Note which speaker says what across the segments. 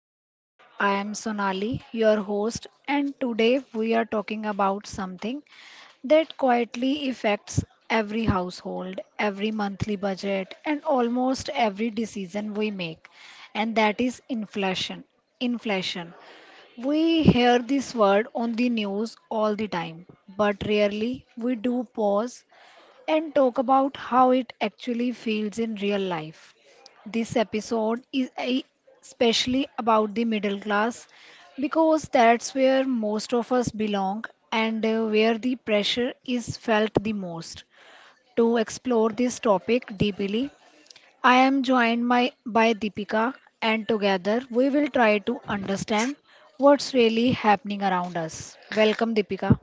Speaker 1: episode. I am Sonali, your host, and today we are talking about something that quietly affects every household, every monthly budget, and almost every decision we make, and that is inflation. Inflation. We hear this word on the news all the time, but rarely we do pause and talk about how it actually feels in real life. This episode is a- Especially about the middle class because that's where most of us belong and where the pressure is felt the most. To explore this topic deeply, I am joined by Deepika, and together we will try to understand what's really happening around us. Welcome, Deepika.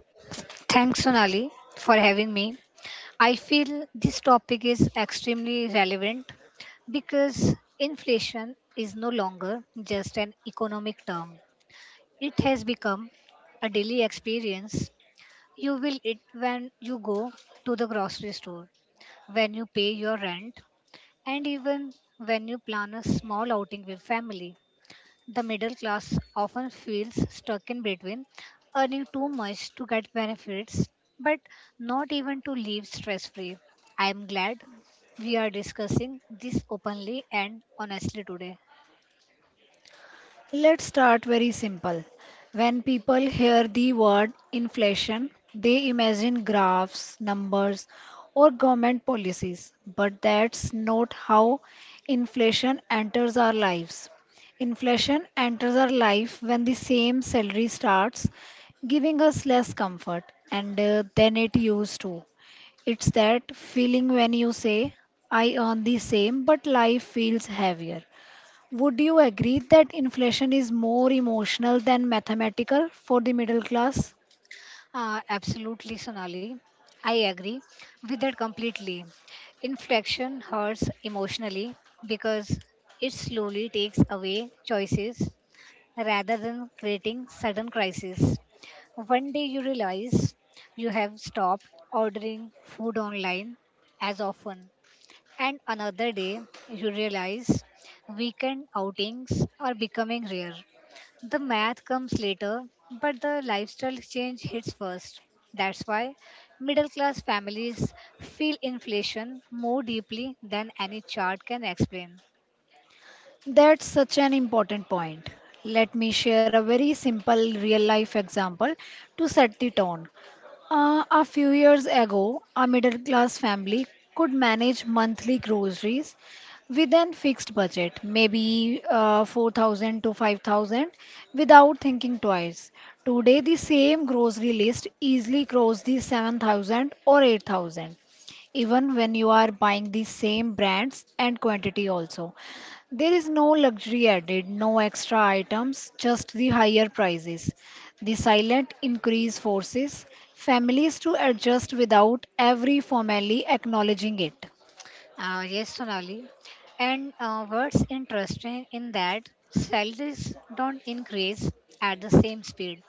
Speaker 2: Thanks, Sonali, for having me. I feel this topic is extremely relevant because inflation is no longer just an economic term. It has become a daily experience. You will it when you go to the grocery store, when you pay your rent, and even when you plan a small outing with family. The middle class often feels stuck in between, earning too much to get benefits, but not even to live stress free. I am glad we are discussing this openly and honestly today.
Speaker 1: Let's start very simple. When people hear the word inflation, they imagine graphs, numbers, or government policies. But that's not how inflation enters our lives. Inflation enters our life when the same salary starts giving us less comfort and than it used to. It's that feeling when you say, I earn the same, but life feels heavier. Would you agree that inflation is more emotional than mathematical for the middle class?
Speaker 2: Absolutely, Sonali. I agree with that completely. Inflection hurts emotionally because it slowly takes away choices rather than creating sudden crises. One day you realize you have stopped ordering food online as often, and another day you realize weekend outings are becoming rare. The math comes later, but the lifestyle change hits first. That's why middle class families feel inflation more deeply than any chart can explain.
Speaker 1: That's such an important point. Let me share a very simple real life example to set the tone. A few years ago, a middle class family could manage monthly groceries within fixed budget, maybe 4,000 to 5,000, without thinking twice. Today, the same grocery list easily crosses the 7,000 or 8,000, even when you are buying the same brands and quantity also. There is no luxury added, no extra items, just the higher prices. The silent increase forces families to adjust without ever formally acknowledging it.
Speaker 2: Yes, Sonali. And what's interesting in that salaries don't increase at the same speed.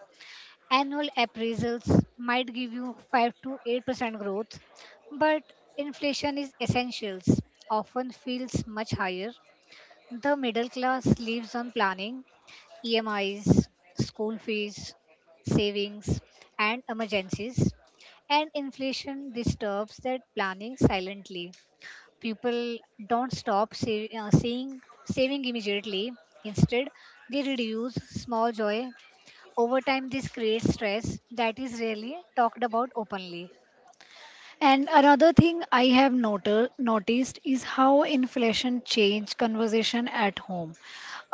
Speaker 2: Annual appraisals might give you 5 to 8% growth, but inflation is essentials, often feels much higher. The middle class lives on planning, EMIs, school fees, savings, and emergencies, and inflation disturbs that planning silently people don't stop seeing, saving immediately. Instead, they reduce small joy. Over time, this creates stress that is rarely talked about openly.
Speaker 1: And another thing I have noticed is how inflation changed conversation at home.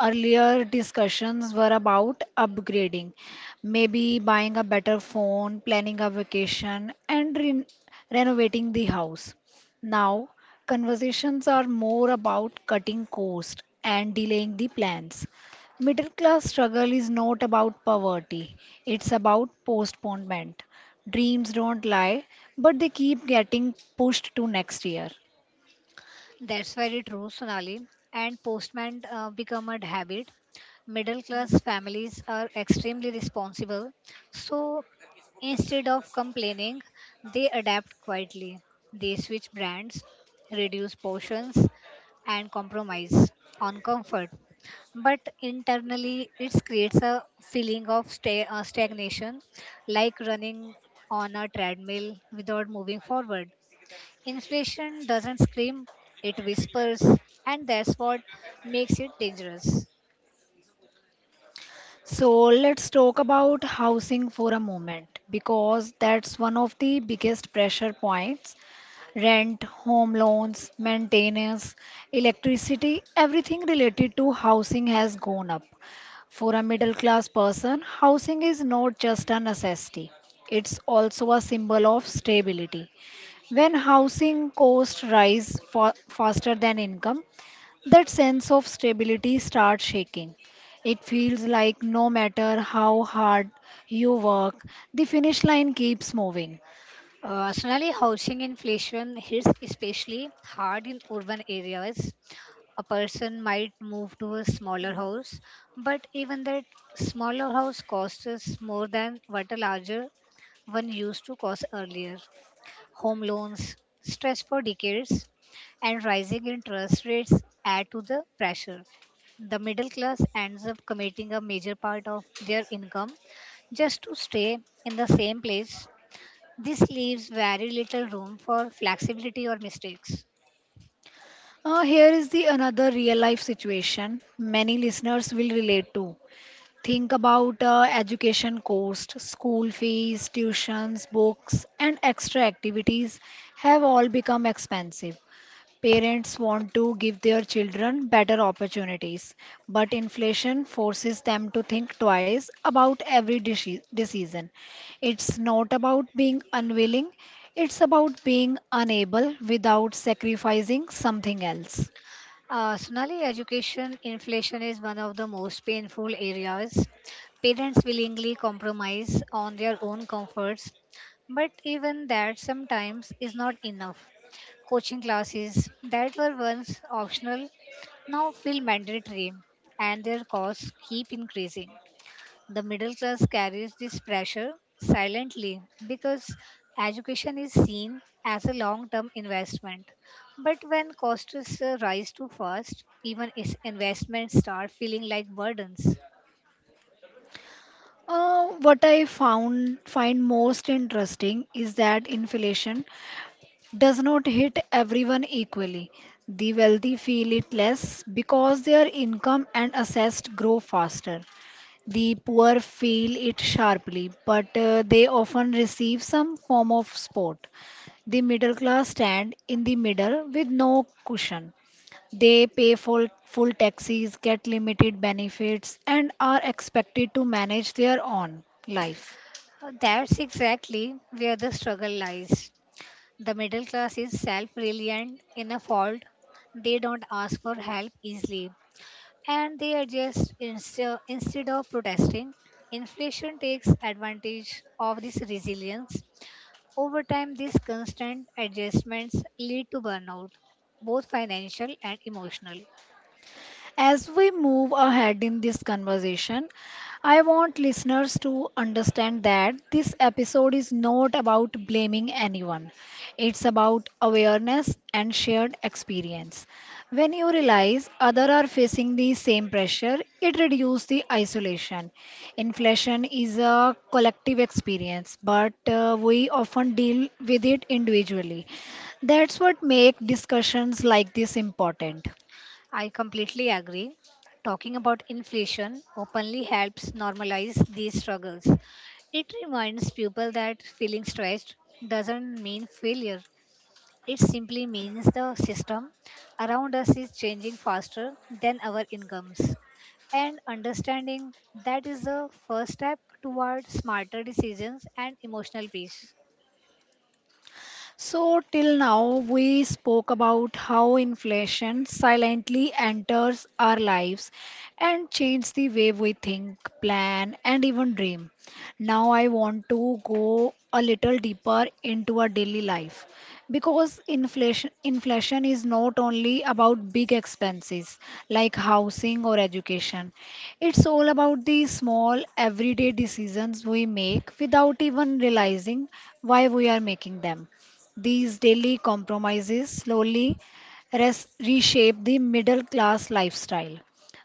Speaker 1: Earlier discussions were about upgrading, maybe buying a better phone, planning a vacation, and renovating the house. Now, conversations are more about cutting cost and delaying the plans. Middle class struggle is not about poverty, it's about postponement. Dreams don't lie, but they keep getting pushed to next year.
Speaker 2: That's very true, Sonali. And postman become a habit. Middle class families are extremely responsible. So instead of complaining, they adapt quietly. They switch brands, reduce portions, and compromise on comfort. But internally, it creates a feeling of stagnation, like running on a treadmill without moving forward. Inflation doesn't scream, it whispers, and that's what makes it dangerous.
Speaker 1: So let's talk about housing for a moment because that's one of the biggest pressure points. Rent, home loans, maintenance, electricity, everything related to housing has gone up. For a middle class person, housing is not just a necessity. It's also a symbol of stability. When housing costs rise faster than income, that sense of stability starts shaking. It feels like no matter how hard you work, the finish line keeps moving.
Speaker 2: Sonali, housing inflation hits especially hard in urban areas. A person might move to a smaller house, but even that smaller house costs us more than what a larger one used to cost earlier. Home loans, stress for decades, and rising interest rates add to the pressure. The middle class ends up committing a major part of their income just to stay in the same place. This leaves very little room for flexibility or mistakes.
Speaker 1: Here is the another real life situation many listeners will relate to. Think about education cost, school fees, tuitions, books, and extra activities have all become expensive. Parents want to give their children better opportunities, but inflation forces them to think twice about every decision. It's not about being unwilling, it's about being unable without sacrificing something else.
Speaker 2: Sonali, education inflation is one of the most painful areas. Parents willingly compromise on their own comforts, but even that sometimes is not enough. Coaching classes that were once optional now feel mandatory, and their costs keep increasing. The middle class carries this pressure silently because education is seen as a long term investment. But when costs rise too fast, even is- investments start feeling like burdens.
Speaker 1: What I found find most interesting is that inflation does not hit everyone equally. The wealthy feel it less because their income and assets grow faster. The poor feel it sharply, but they often receive some form of support. The middle class stand in the middle with no cushion. They pay full taxes, get limited benefits, and are expected to manage their own life.
Speaker 2: That's exactly where the struggle lies. The middle class is self reliant in a fault. They don't ask for help easily and they adjust instead instead of protesting. Inflation takes advantage of this resilience. Over time, these constant adjustments lead to burnout, both financial and emotional.
Speaker 1: As we move ahead in this conversation, I want listeners to understand that this episode is not about blaming anyone. It's about awareness and shared experience. When you realize others are facing the same pressure, it reduces the isolation. Inflation is a collective experience, but we often deal with it individually. That's what makes discussions like this important.
Speaker 2: I completely agree. Talking about inflation openly helps normalize these struggles. It reminds people that feeling stressed doesn't mean failure, it simply means the system around us is changing faster than our incomes. And understanding that is the first step toward smarter decisions and emotional peace.
Speaker 1: So, till now, we spoke about how inflation silently enters our lives and changes the way we think, plan, and even dream. Now, I want to go a little deeper into our daily life because inflation is not only about big expenses like housing or education. It's all about the small everyday decisions we make without even realizing why we are making them. These daily compromises slowly reshape the middle class lifestyle.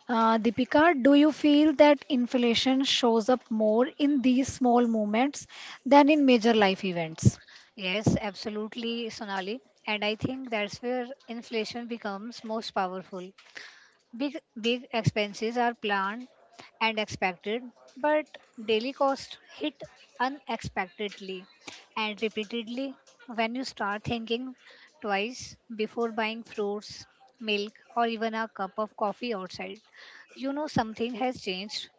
Speaker 1: Deepika, do you feel that inflation shows up more in these small moments than in major life events?
Speaker 2: Yes, absolutely, Sonali. And I think that's where inflation becomes most powerful. Big expenses are planned and expected, but daily costs hit unexpectedly and repeatedly when you start thinking twice before buying fruits, milk, or even a cup of coffee outside. You know something has changed.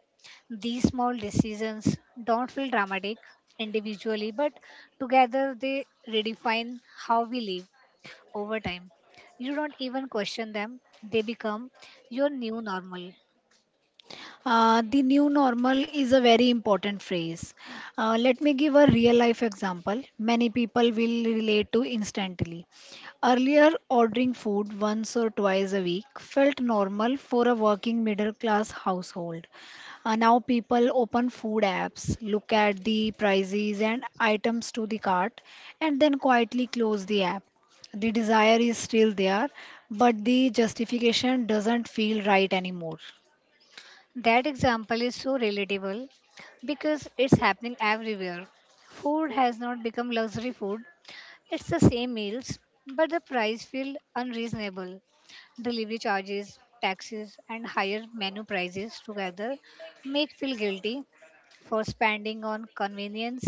Speaker 2: These small decisions don't feel dramatic individually, but together they redefine how we live over time. You don't even question them, they become your new normal.
Speaker 1: The new normal is a very important phrase. Let me give a real life example. Many people will relate to instantly. Earlier, ordering food once or twice a week felt normal for a working middle class household. Now, people open food apps, look at the prices and items to the cart, and then quietly close the app. The desire is still there, but the justification doesn't feel right anymore.
Speaker 2: That example is so relatable because it's happening everywhere. Food has not become luxury food, it's the same meals, but the price feels unreasonable. Delivery charges, taxes, and higher menu prices together make feel guilty for spending on convenience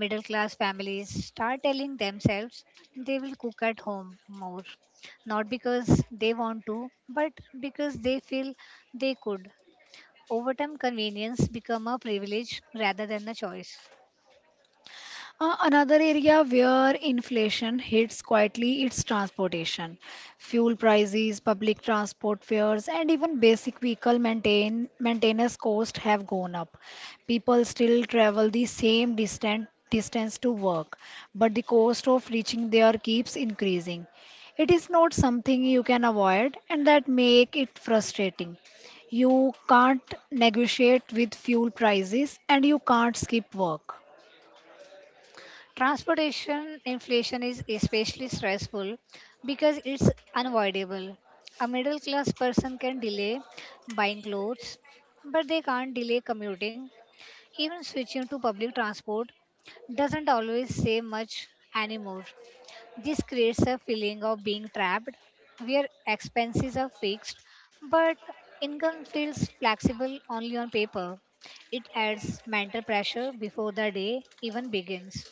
Speaker 2: middle class families start telling themselves they will cook at home more, not because they want to, but because they feel they could. Over time, convenience become a privilege rather than a choice.
Speaker 1: Another area where inflation hits quietly is transportation. Fuel prices, public transport fares, and even basic vehicle maintenance costs have gone up. People still travel the same distance to work, but the cost of reaching there keeps increasing. It is not something you can avoid, and that make it frustrating. You can't negotiate with fuel prices, and you can't skip work.
Speaker 2: Transportation inflation is especially stressful because it's unavoidable. A middle class person can delay buying clothes, but they can't delay commuting. Even switching to public transport doesn't always say much anymore. This creates a feeling of being trapped where expenses are fixed but income feels flexible only on paper. It adds mental pressure before the day even begins.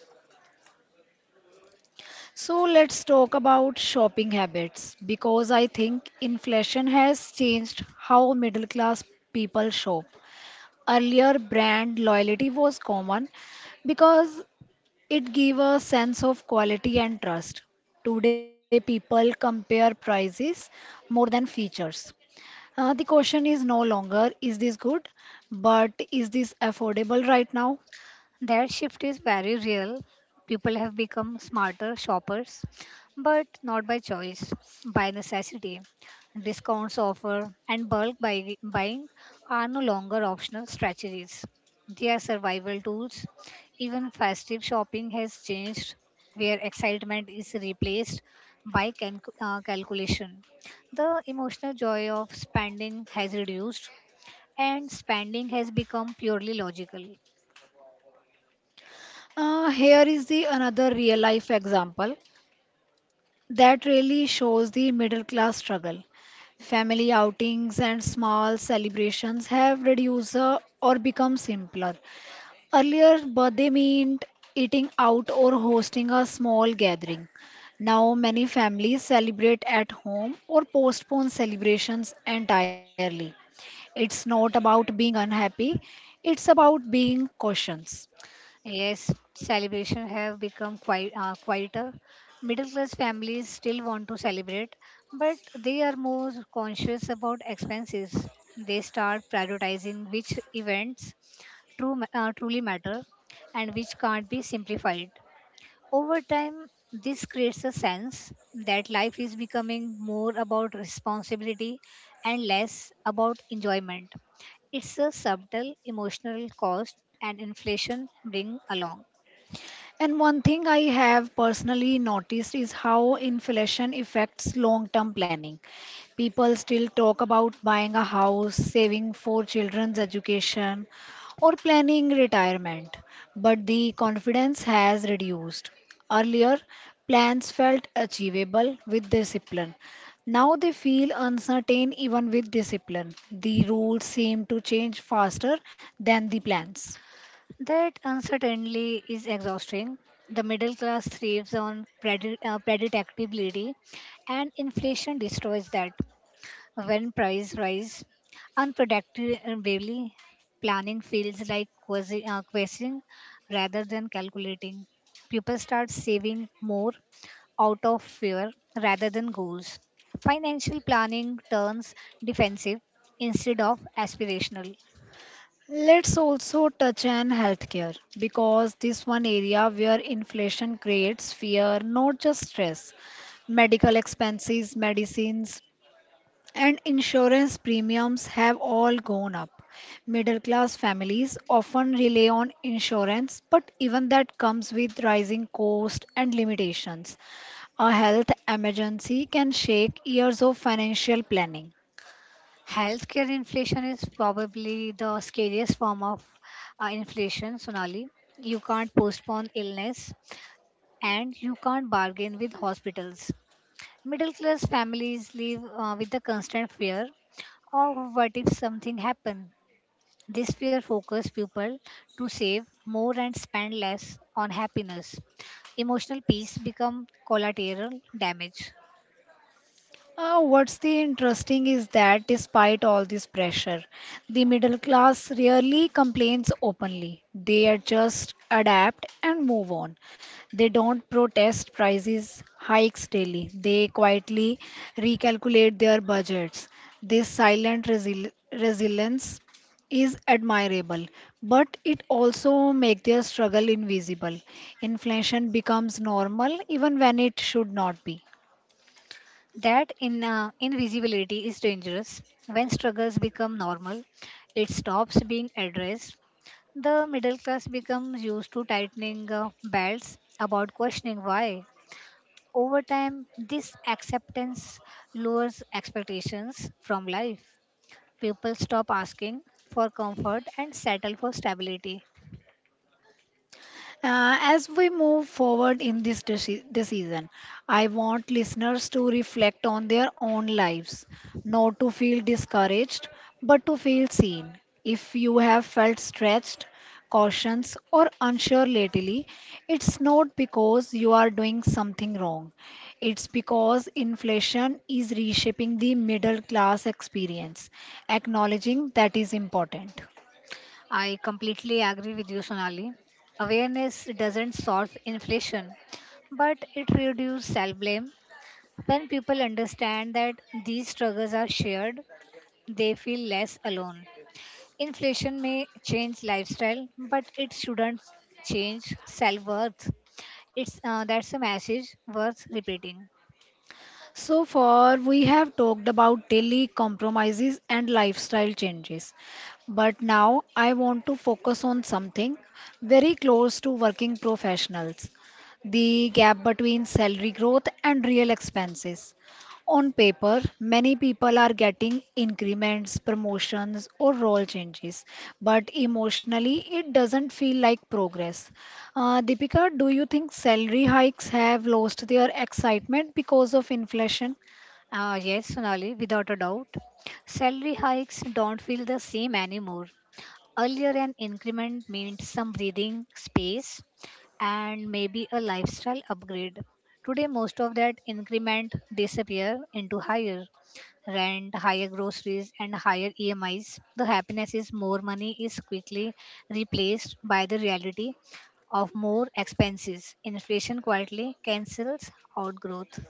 Speaker 1: So let's talk about shopping habits because I think inflation has changed how middle class people shop. Earlier, brand loyalty was common because it gave a sense of quality and trust. Today, people compare prices more than features. The question is no longer is this good, but is this affordable right now?
Speaker 2: That shift is very real. People have become smarter shoppers, but not by choice, by necessity. Discounts offer and buying are no longer optional strategies. They are survival tools. Even festive shopping has changed, where excitement is replaced by calculation. The emotional joy of spending has reduced, and spending has become purely logical.
Speaker 1: Here is the another real life example that really shows the middle class struggle. Family outings and small celebrations have reduced or become simpler. Earlier, birthday meant eating out or hosting a small gathering. Now, many families celebrate at home or postpone celebrations entirely. It's not about being unhappy, it's about being cautious.
Speaker 2: Yes, celebration have become quite quieter. Middle class families still want to celebrate, but they are more conscious about expenses. They start prioritizing which events truly matter and which can't be simplified. Over time, this creates a sense that life is becoming more about responsibility and less about enjoyment. It's a subtle emotional cost and inflation bring along.
Speaker 1: And one thing I have personally noticed is how inflation affects long term planning. People still talk about buying a house, saving for children's education, or planning retirement, but the confidence has reduced. Earlier, plans felt achievable with discipline. Now they feel uncertain even with discipline. The rules seem to change faster than the plans.
Speaker 2: That uncertainty is exhausting. The middle class thrives on predictability, and inflation destroys that. When price rise unpredictably, planning feels like questioning rather than calculating. People start saving more out of fear rather than goals. Financial planning turns defensive instead of aspirational.
Speaker 1: Let's also touch on healthcare because this one area where inflation creates fear, not just stress. Medical expenses, medicines, and insurance premiums have all gone up. Middle class families often rely on insurance, but even that comes with rising costs and limitations. A health emergency can shake years of financial planning.
Speaker 2: Healthcare inflation is probably the scariest form of inflation, Sonali. You can't postpone illness and you can't bargain with hospitals. Middle class families live with the constant fear of what if something happened. This fear focuses people to save more and spend less on happiness. Emotional peace become collateral damage.
Speaker 1: What's the interesting is that despite all this pressure, the middle class rarely complains openly. They are just adapt and move on. They don't protest prices hikes daily. They quietly recalculate their budgets. This silent resilience is admirable, but it also makes their struggle invisible. Inflation becomes normal even when it should not be.
Speaker 2: That in invisibility is dangerous. When struggles become normal, it stops being addressed. The middle class becomes used to tightening belts about questioning why. Over time, this acceptance lowers expectations from life. People stop asking for comfort and settle for stability.
Speaker 1: As we move forward in this decision, I want listeners to reflect on their own lives, not to feel discouraged, but to feel seen. If you have felt stretched, cautious, or unsure lately, it's not because you are doing something wrong. It's because inflation is reshaping the middle class experience. Acknowledging that is important.
Speaker 2: I completely agree with you, Sonali. Awareness doesn't solve inflation, but it reduces self blame. When people understand that these struggles are shared, they feel less alone. Inflation may change lifestyle, but it shouldn't change self worth. It's that's a message worth repeating.
Speaker 1: So far, we have talked about daily compromises and lifestyle changes. But now I want to focus on something very close to working professionals, the gap between salary growth and real expenses. On paper, many people are getting increments, promotions, or role changes, but emotionally, it doesn't feel like progress. Deepika, do you think salary hikes have lost their excitement because of inflation?
Speaker 2: Yes, Sonali, without a doubt. Salary hikes don't feel the same anymore. Earlier, an increment meant some breathing space and maybe a lifestyle upgrade. Today, most of that increment disappear into higher rent, higher groceries, and higher EMIs, the happiness is more money is quickly replaced by the reality of more expenses. Inflation quietly cancels out growth.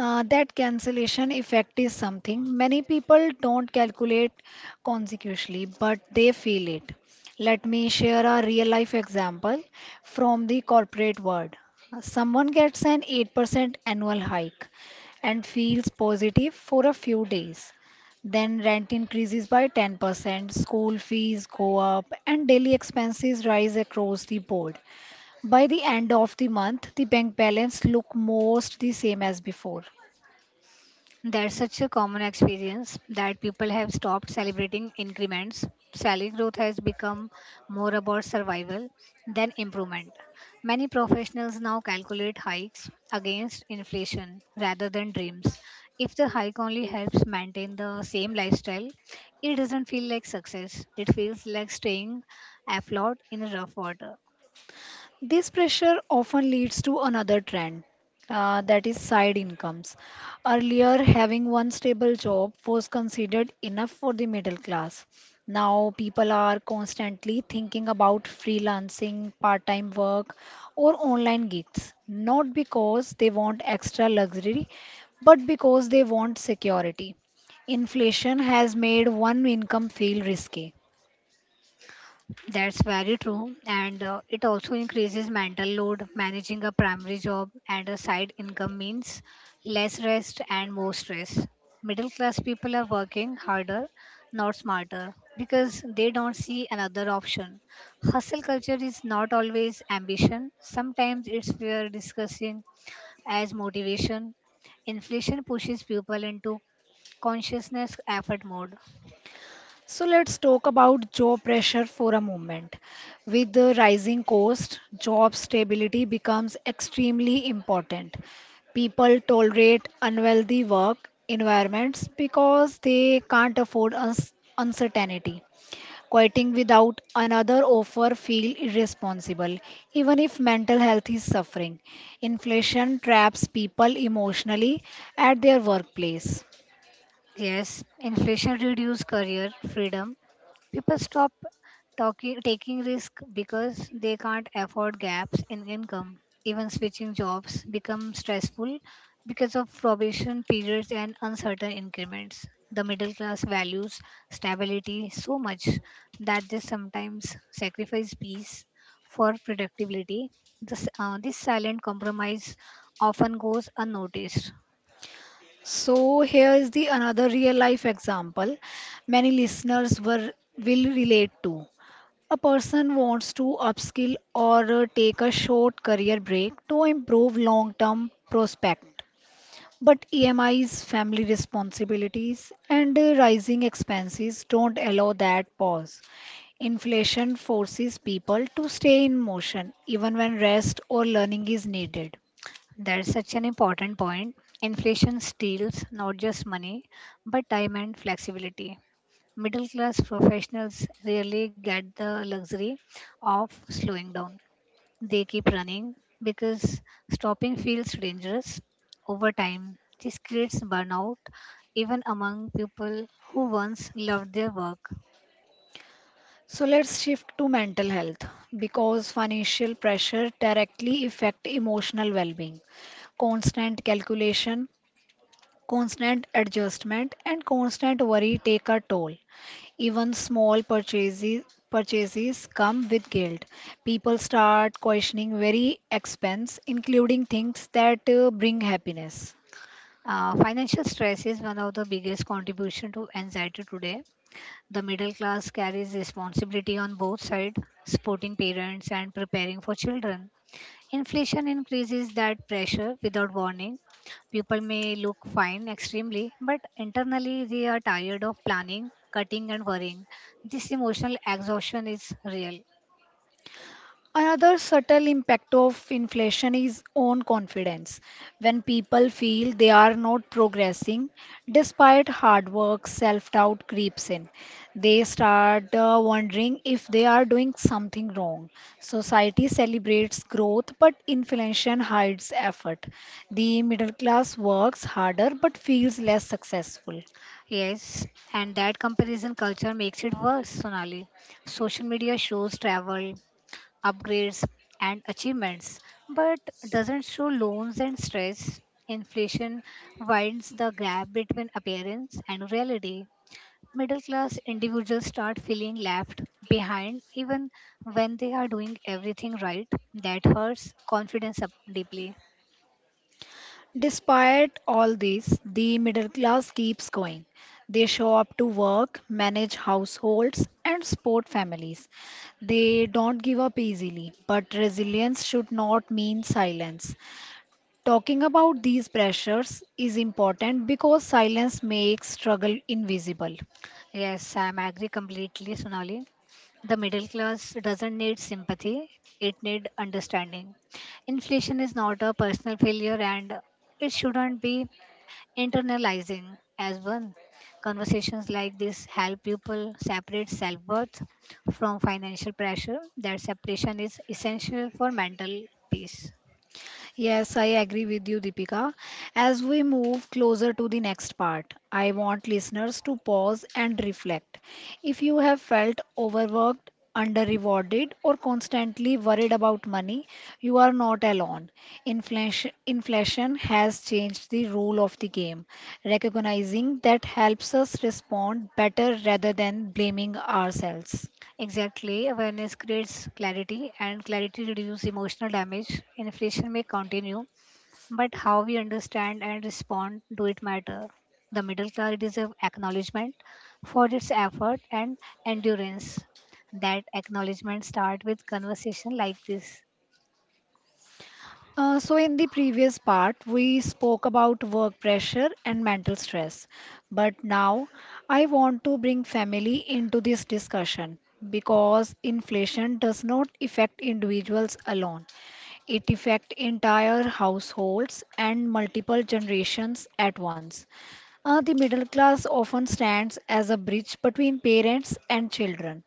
Speaker 1: That cancellation effect is something many people don't calculate consecutively, but they feel it. Let me share a real life example from the corporate world. Someone gets an 8% annual hike and feels positive for a few days. Then rent increases by 10%, school fees go up, and daily expenses rise across the board. By the end of the month, the bank balance look most the same as before.
Speaker 2: That's such a common experience that people have stopped celebrating increments. Salary growth has become more about survival than improvement. Many professionals now calculate hikes against inflation rather than dreams. If the hike only helps maintain the same lifestyle, it doesn't feel like success. It feels like staying afloat in rough water.
Speaker 1: This pressure often leads to another trend, that is side incomes. Earlier, having one stable job was considered enough for the middle class. Now, people are constantly thinking about freelancing, part time work, or online gigs, not because they want extra luxury, but because they want security. Inflation has made one income feel risky.
Speaker 2: That's very true. And it also increases mental load. Managing a primary job and a side income means less rest and more stress. Middle class people are working harder, not smarter, because they don't see another option. Hustle culture is not always ambition, sometimes it's fear discussing as motivation. Inflation pushes people into consciousness effort mode.
Speaker 1: So let's talk about job pressure for a moment. With the rising cost, job stability becomes extremely important. People tolerate unwealthy work environments because they can't afford uncertainty. Quitting without another offer feel irresponsible, even if mental health is suffering. Inflation traps people emotionally at their workplace.
Speaker 2: Yes, inflation reduced career freedom. People stop talking, taking risk because they can't afford gaps in income. Even switching jobs become stressful because of probation periods and uncertain increments. The middle class values stability so much that they sometimes sacrifice peace for productivity. This silent compromise often goes unnoticed.
Speaker 1: So here is the another real life example many listeners were will relate to. A person wants to upskill or take a short career break to improve long-term prospect. But EMIs, family responsibilities, and rising expenses don't allow that pause. Inflation forces people to stay in motion even when rest or learning is needed.
Speaker 2: That's such an important point. Inflation steals not just money, but time and flexibility. Middle class professionals rarely get the luxury of slowing down. They keep running because stopping feels dangerous over time. This creates burnout even among people who once loved their work.
Speaker 1: So let's shift to mental health because financial pressure directly affect emotional well-being. Constant calculation, constant adjustment and constant worry take a toll. Even small purchases come with guilt. People start questioning very expense including things that bring happiness.
Speaker 2: Financial stress is one of the biggest contribution to anxiety today. The middle class carries responsibility on both sides, supporting parents and preparing for children. Inflation increases that pressure without warning. People may look fine extremely, but internally they are tired of planning, cutting, and worrying. This emotional exhaustion is real.
Speaker 1: Another subtle impact of inflation is on confidence. When people feel they are not progressing, despite hard work, self doubt creeps in. They start wondering if they are doing something wrong. Society celebrates growth, but inflation hides effort. The middle class works harder but feels less successful.
Speaker 2: Yes, and that comparison culture makes it worse, Sonali. Social media shows travel, upgrades, and achievements, but doesn't show loans and stress. Inflation widens the gap between appearance and reality. Middle class individuals start feeling left behind even when they are doing everything right. That hurts confidence up deeply.
Speaker 1: Despite all this, the middle class keeps going. They show up to work, manage households, and support families. They don't give up easily, but resilience should not mean silence. Talking about these pressures is important because silence makes struggle invisible.
Speaker 2: Yes, I'm agree completely, Sonali. The middle class doesn't need sympathy, it need understanding. Inflation is not a personal failure and it shouldn't be internalizing as one. Conversations like this help people separate self worth from financial pressure. That separation is essential for mental peace.
Speaker 1: Yes, I agree with you, Deepika. As we move closer to the next part, I want listeners to pause and reflect. If you have felt overworked, under-rewarded, or constantly worried about money, you are not alone. Inflation has changed the rule of the game. Recognizing that helps us respond better rather than blaming ourselves.
Speaker 2: Exactly, awareness creates clarity, and clarity reduces emotional damage. Inflation may continue, but how we understand and respond to it matter. The middle class deserves acknowledgement for its effort and endurance. That acknowledgement start with conversation like this.
Speaker 1: So, in the previous part, we spoke about work pressure and mental stress. But now I want to bring family into this discussion because inflation does not affect individuals alone, it affects entire households and multiple generations at once. The middle class often stands as a bridge between parents and children,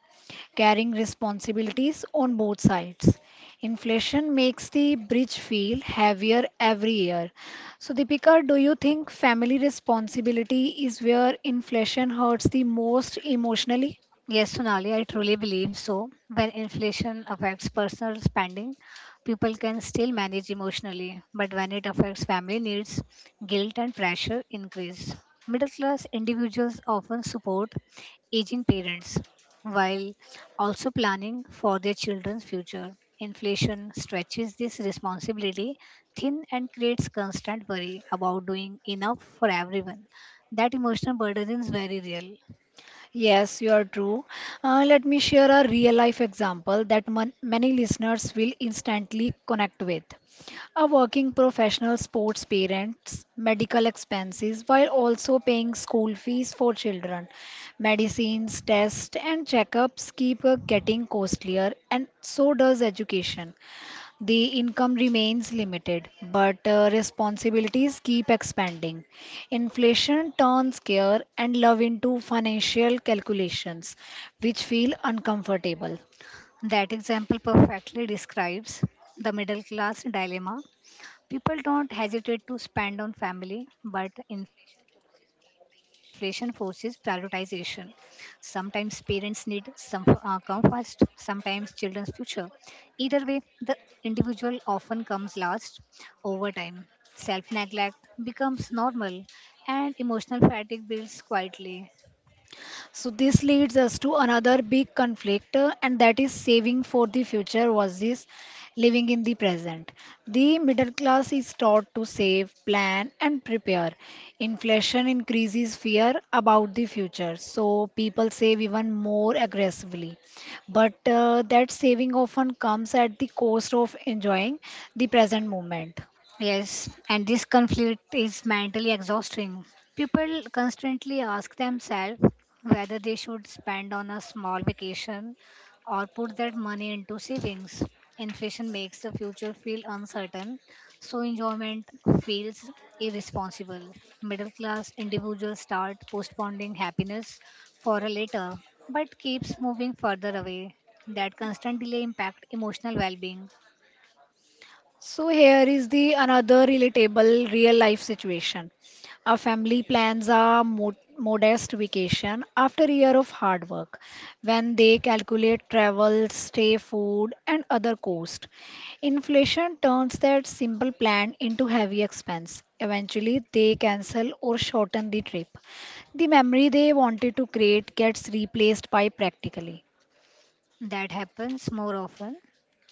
Speaker 1: carrying responsibilities on both sides. Inflation makes the bridge feel heavier every year. So, Deepika, do you think family responsibility is where inflation hurts the most emotionally?
Speaker 2: Yes, Sonali, I truly believe so. When inflation affects personal spending, people can still manage emotionally, but when it affects family needs, guilt and pressure increase. Middle class individuals often support aging parents while also planning for their children's future. Inflation stretches this responsibility thin and creates constant worry about doing enough for everyone. That emotional burden is very real.
Speaker 1: Yes, you are true. Let me share a real life example that many listeners will instantly connect with. A working professional sports parents, medical expenses while also paying school fees for children. Medicines, tests, and checkups keep getting costlier, and so does education. The income remains limited, but responsibilities keep expanding. Inflation turns care and love into financial calculations, which feel uncomfortable.
Speaker 2: That example perfectly describes the middle class dilemma. People don't hesitate to spend on family, but inflation forces prioritization. Sometimes parents need some come first, sometimes children's future. Either way, the individual often comes last over time. Self neglect becomes normal, and emotional fatigue builds quietly.
Speaker 1: So this leads us to another big conflict, and that is saving for the future versus living in the present. The middle class is taught to save, plan, and prepare. Inflation increases fear about the future, so people save even more aggressively. But that saving often comes at the cost of enjoying the present moment.
Speaker 2: Yes, and this conflict is mentally exhausting. People constantly ask themselves whether they should spend on a small vacation or put that money into savings. Inflation makes the future feel uncertain, so enjoyment feels irresponsible. Middle class individuals start postponing happiness for a later, but keeps moving further away. That constant delay impact emotional well-being.
Speaker 1: So here is the another relatable real life situation. Our family plans a modest vacation after a year of hard work when they calculate travel, stay, food and other cost. Inflation turns that simple plan into heavy expense. Eventually they cancel or shorten the trip. The memory they wanted to create gets replaced by practically.
Speaker 2: That happens more often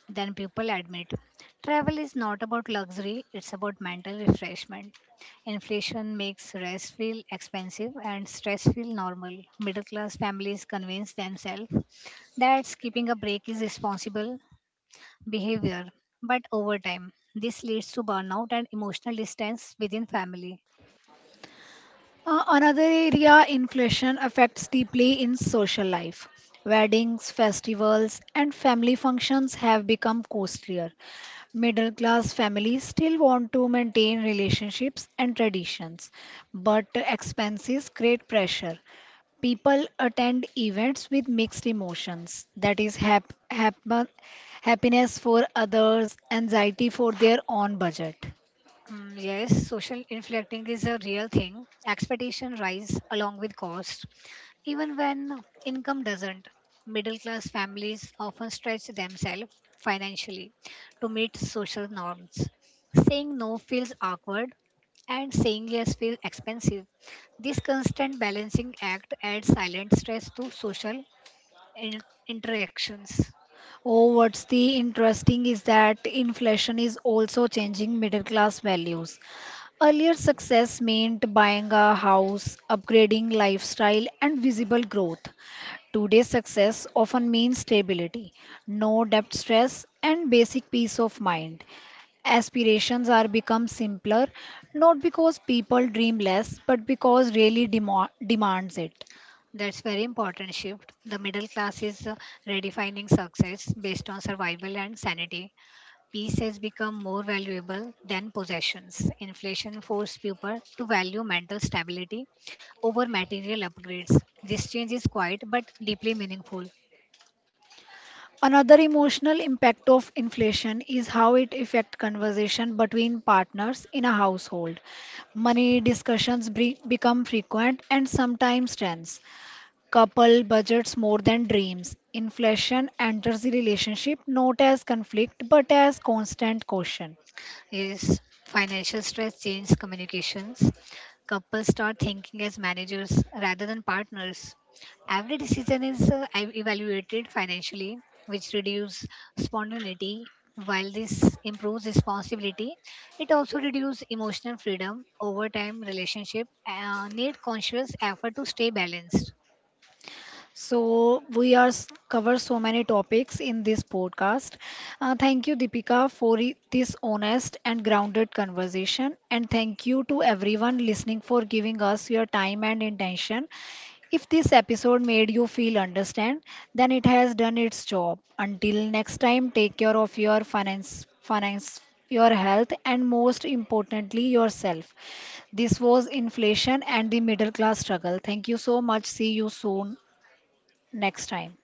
Speaker 2: than people admit. Travel is not about luxury, it's about mental refreshment. Inflation makes rest feel expensive and stress feel normal. Middle class families convince themselves that skipping a break is responsible behavior, but over time, this leads to burnout and emotional distance within family.
Speaker 1: Another area inflation affects deeply in social life. Weddings, festivals, and family functions have become costlier. Middle class families still want to maintain relationships and traditions, but expenses create pressure. People attend events with mixed emotions that is, happiness for others, anxiety for their own budget.
Speaker 2: Mm, yes, social inflecting is a real thing. Expectation rise along with cost. Even when income doesn't, middle class families often stretch themselves financially to meet social norms. Saying no feels awkward and saying yes feels expensive. This constant balancing act adds silent stress to social interactions.
Speaker 1: Oh, what's the interesting is that inflation is also changing middle class values. Earlier, success meant buying a house, upgrading lifestyle, and visible growth. Today's success often means stability, no debt stress, and basic peace of mind. Aspirations are become simpler, not because people dream less, but because really demands it.
Speaker 2: That's very important shift. The middle class is redefining success based on survival and sanity. Peace has become more valuable than possessions. Inflation forced people to value mental stability over material upgrades. This change is quiet but deeply meaningful.
Speaker 1: Another emotional impact of inflation is how it affects conversation between partners in a household. Money discussions become frequent and sometimes tense. Couple budgets more than dreams. Inflation enters the relationship not as conflict but as constant caution.
Speaker 2: Yes, financial stress changes communications. Couples start thinking as managers rather than partners. Every decision is evaluated financially, which reduces spontaneity. While this improves responsibility, it also reduces emotional freedom. Over time, relationship need conscious effort to stay balanced.
Speaker 1: So we are cover so many topics in this podcast. Thank you, Deepika, for this honest and grounded conversation, and thank you to everyone listening for giving us your time and intention. If this episode made you feel understand, then it has done its job. Until next time, take care of your finance, your health, and most importantly, yourself. This was inflation and the middle class struggle. Thank you so much. See you soon next time.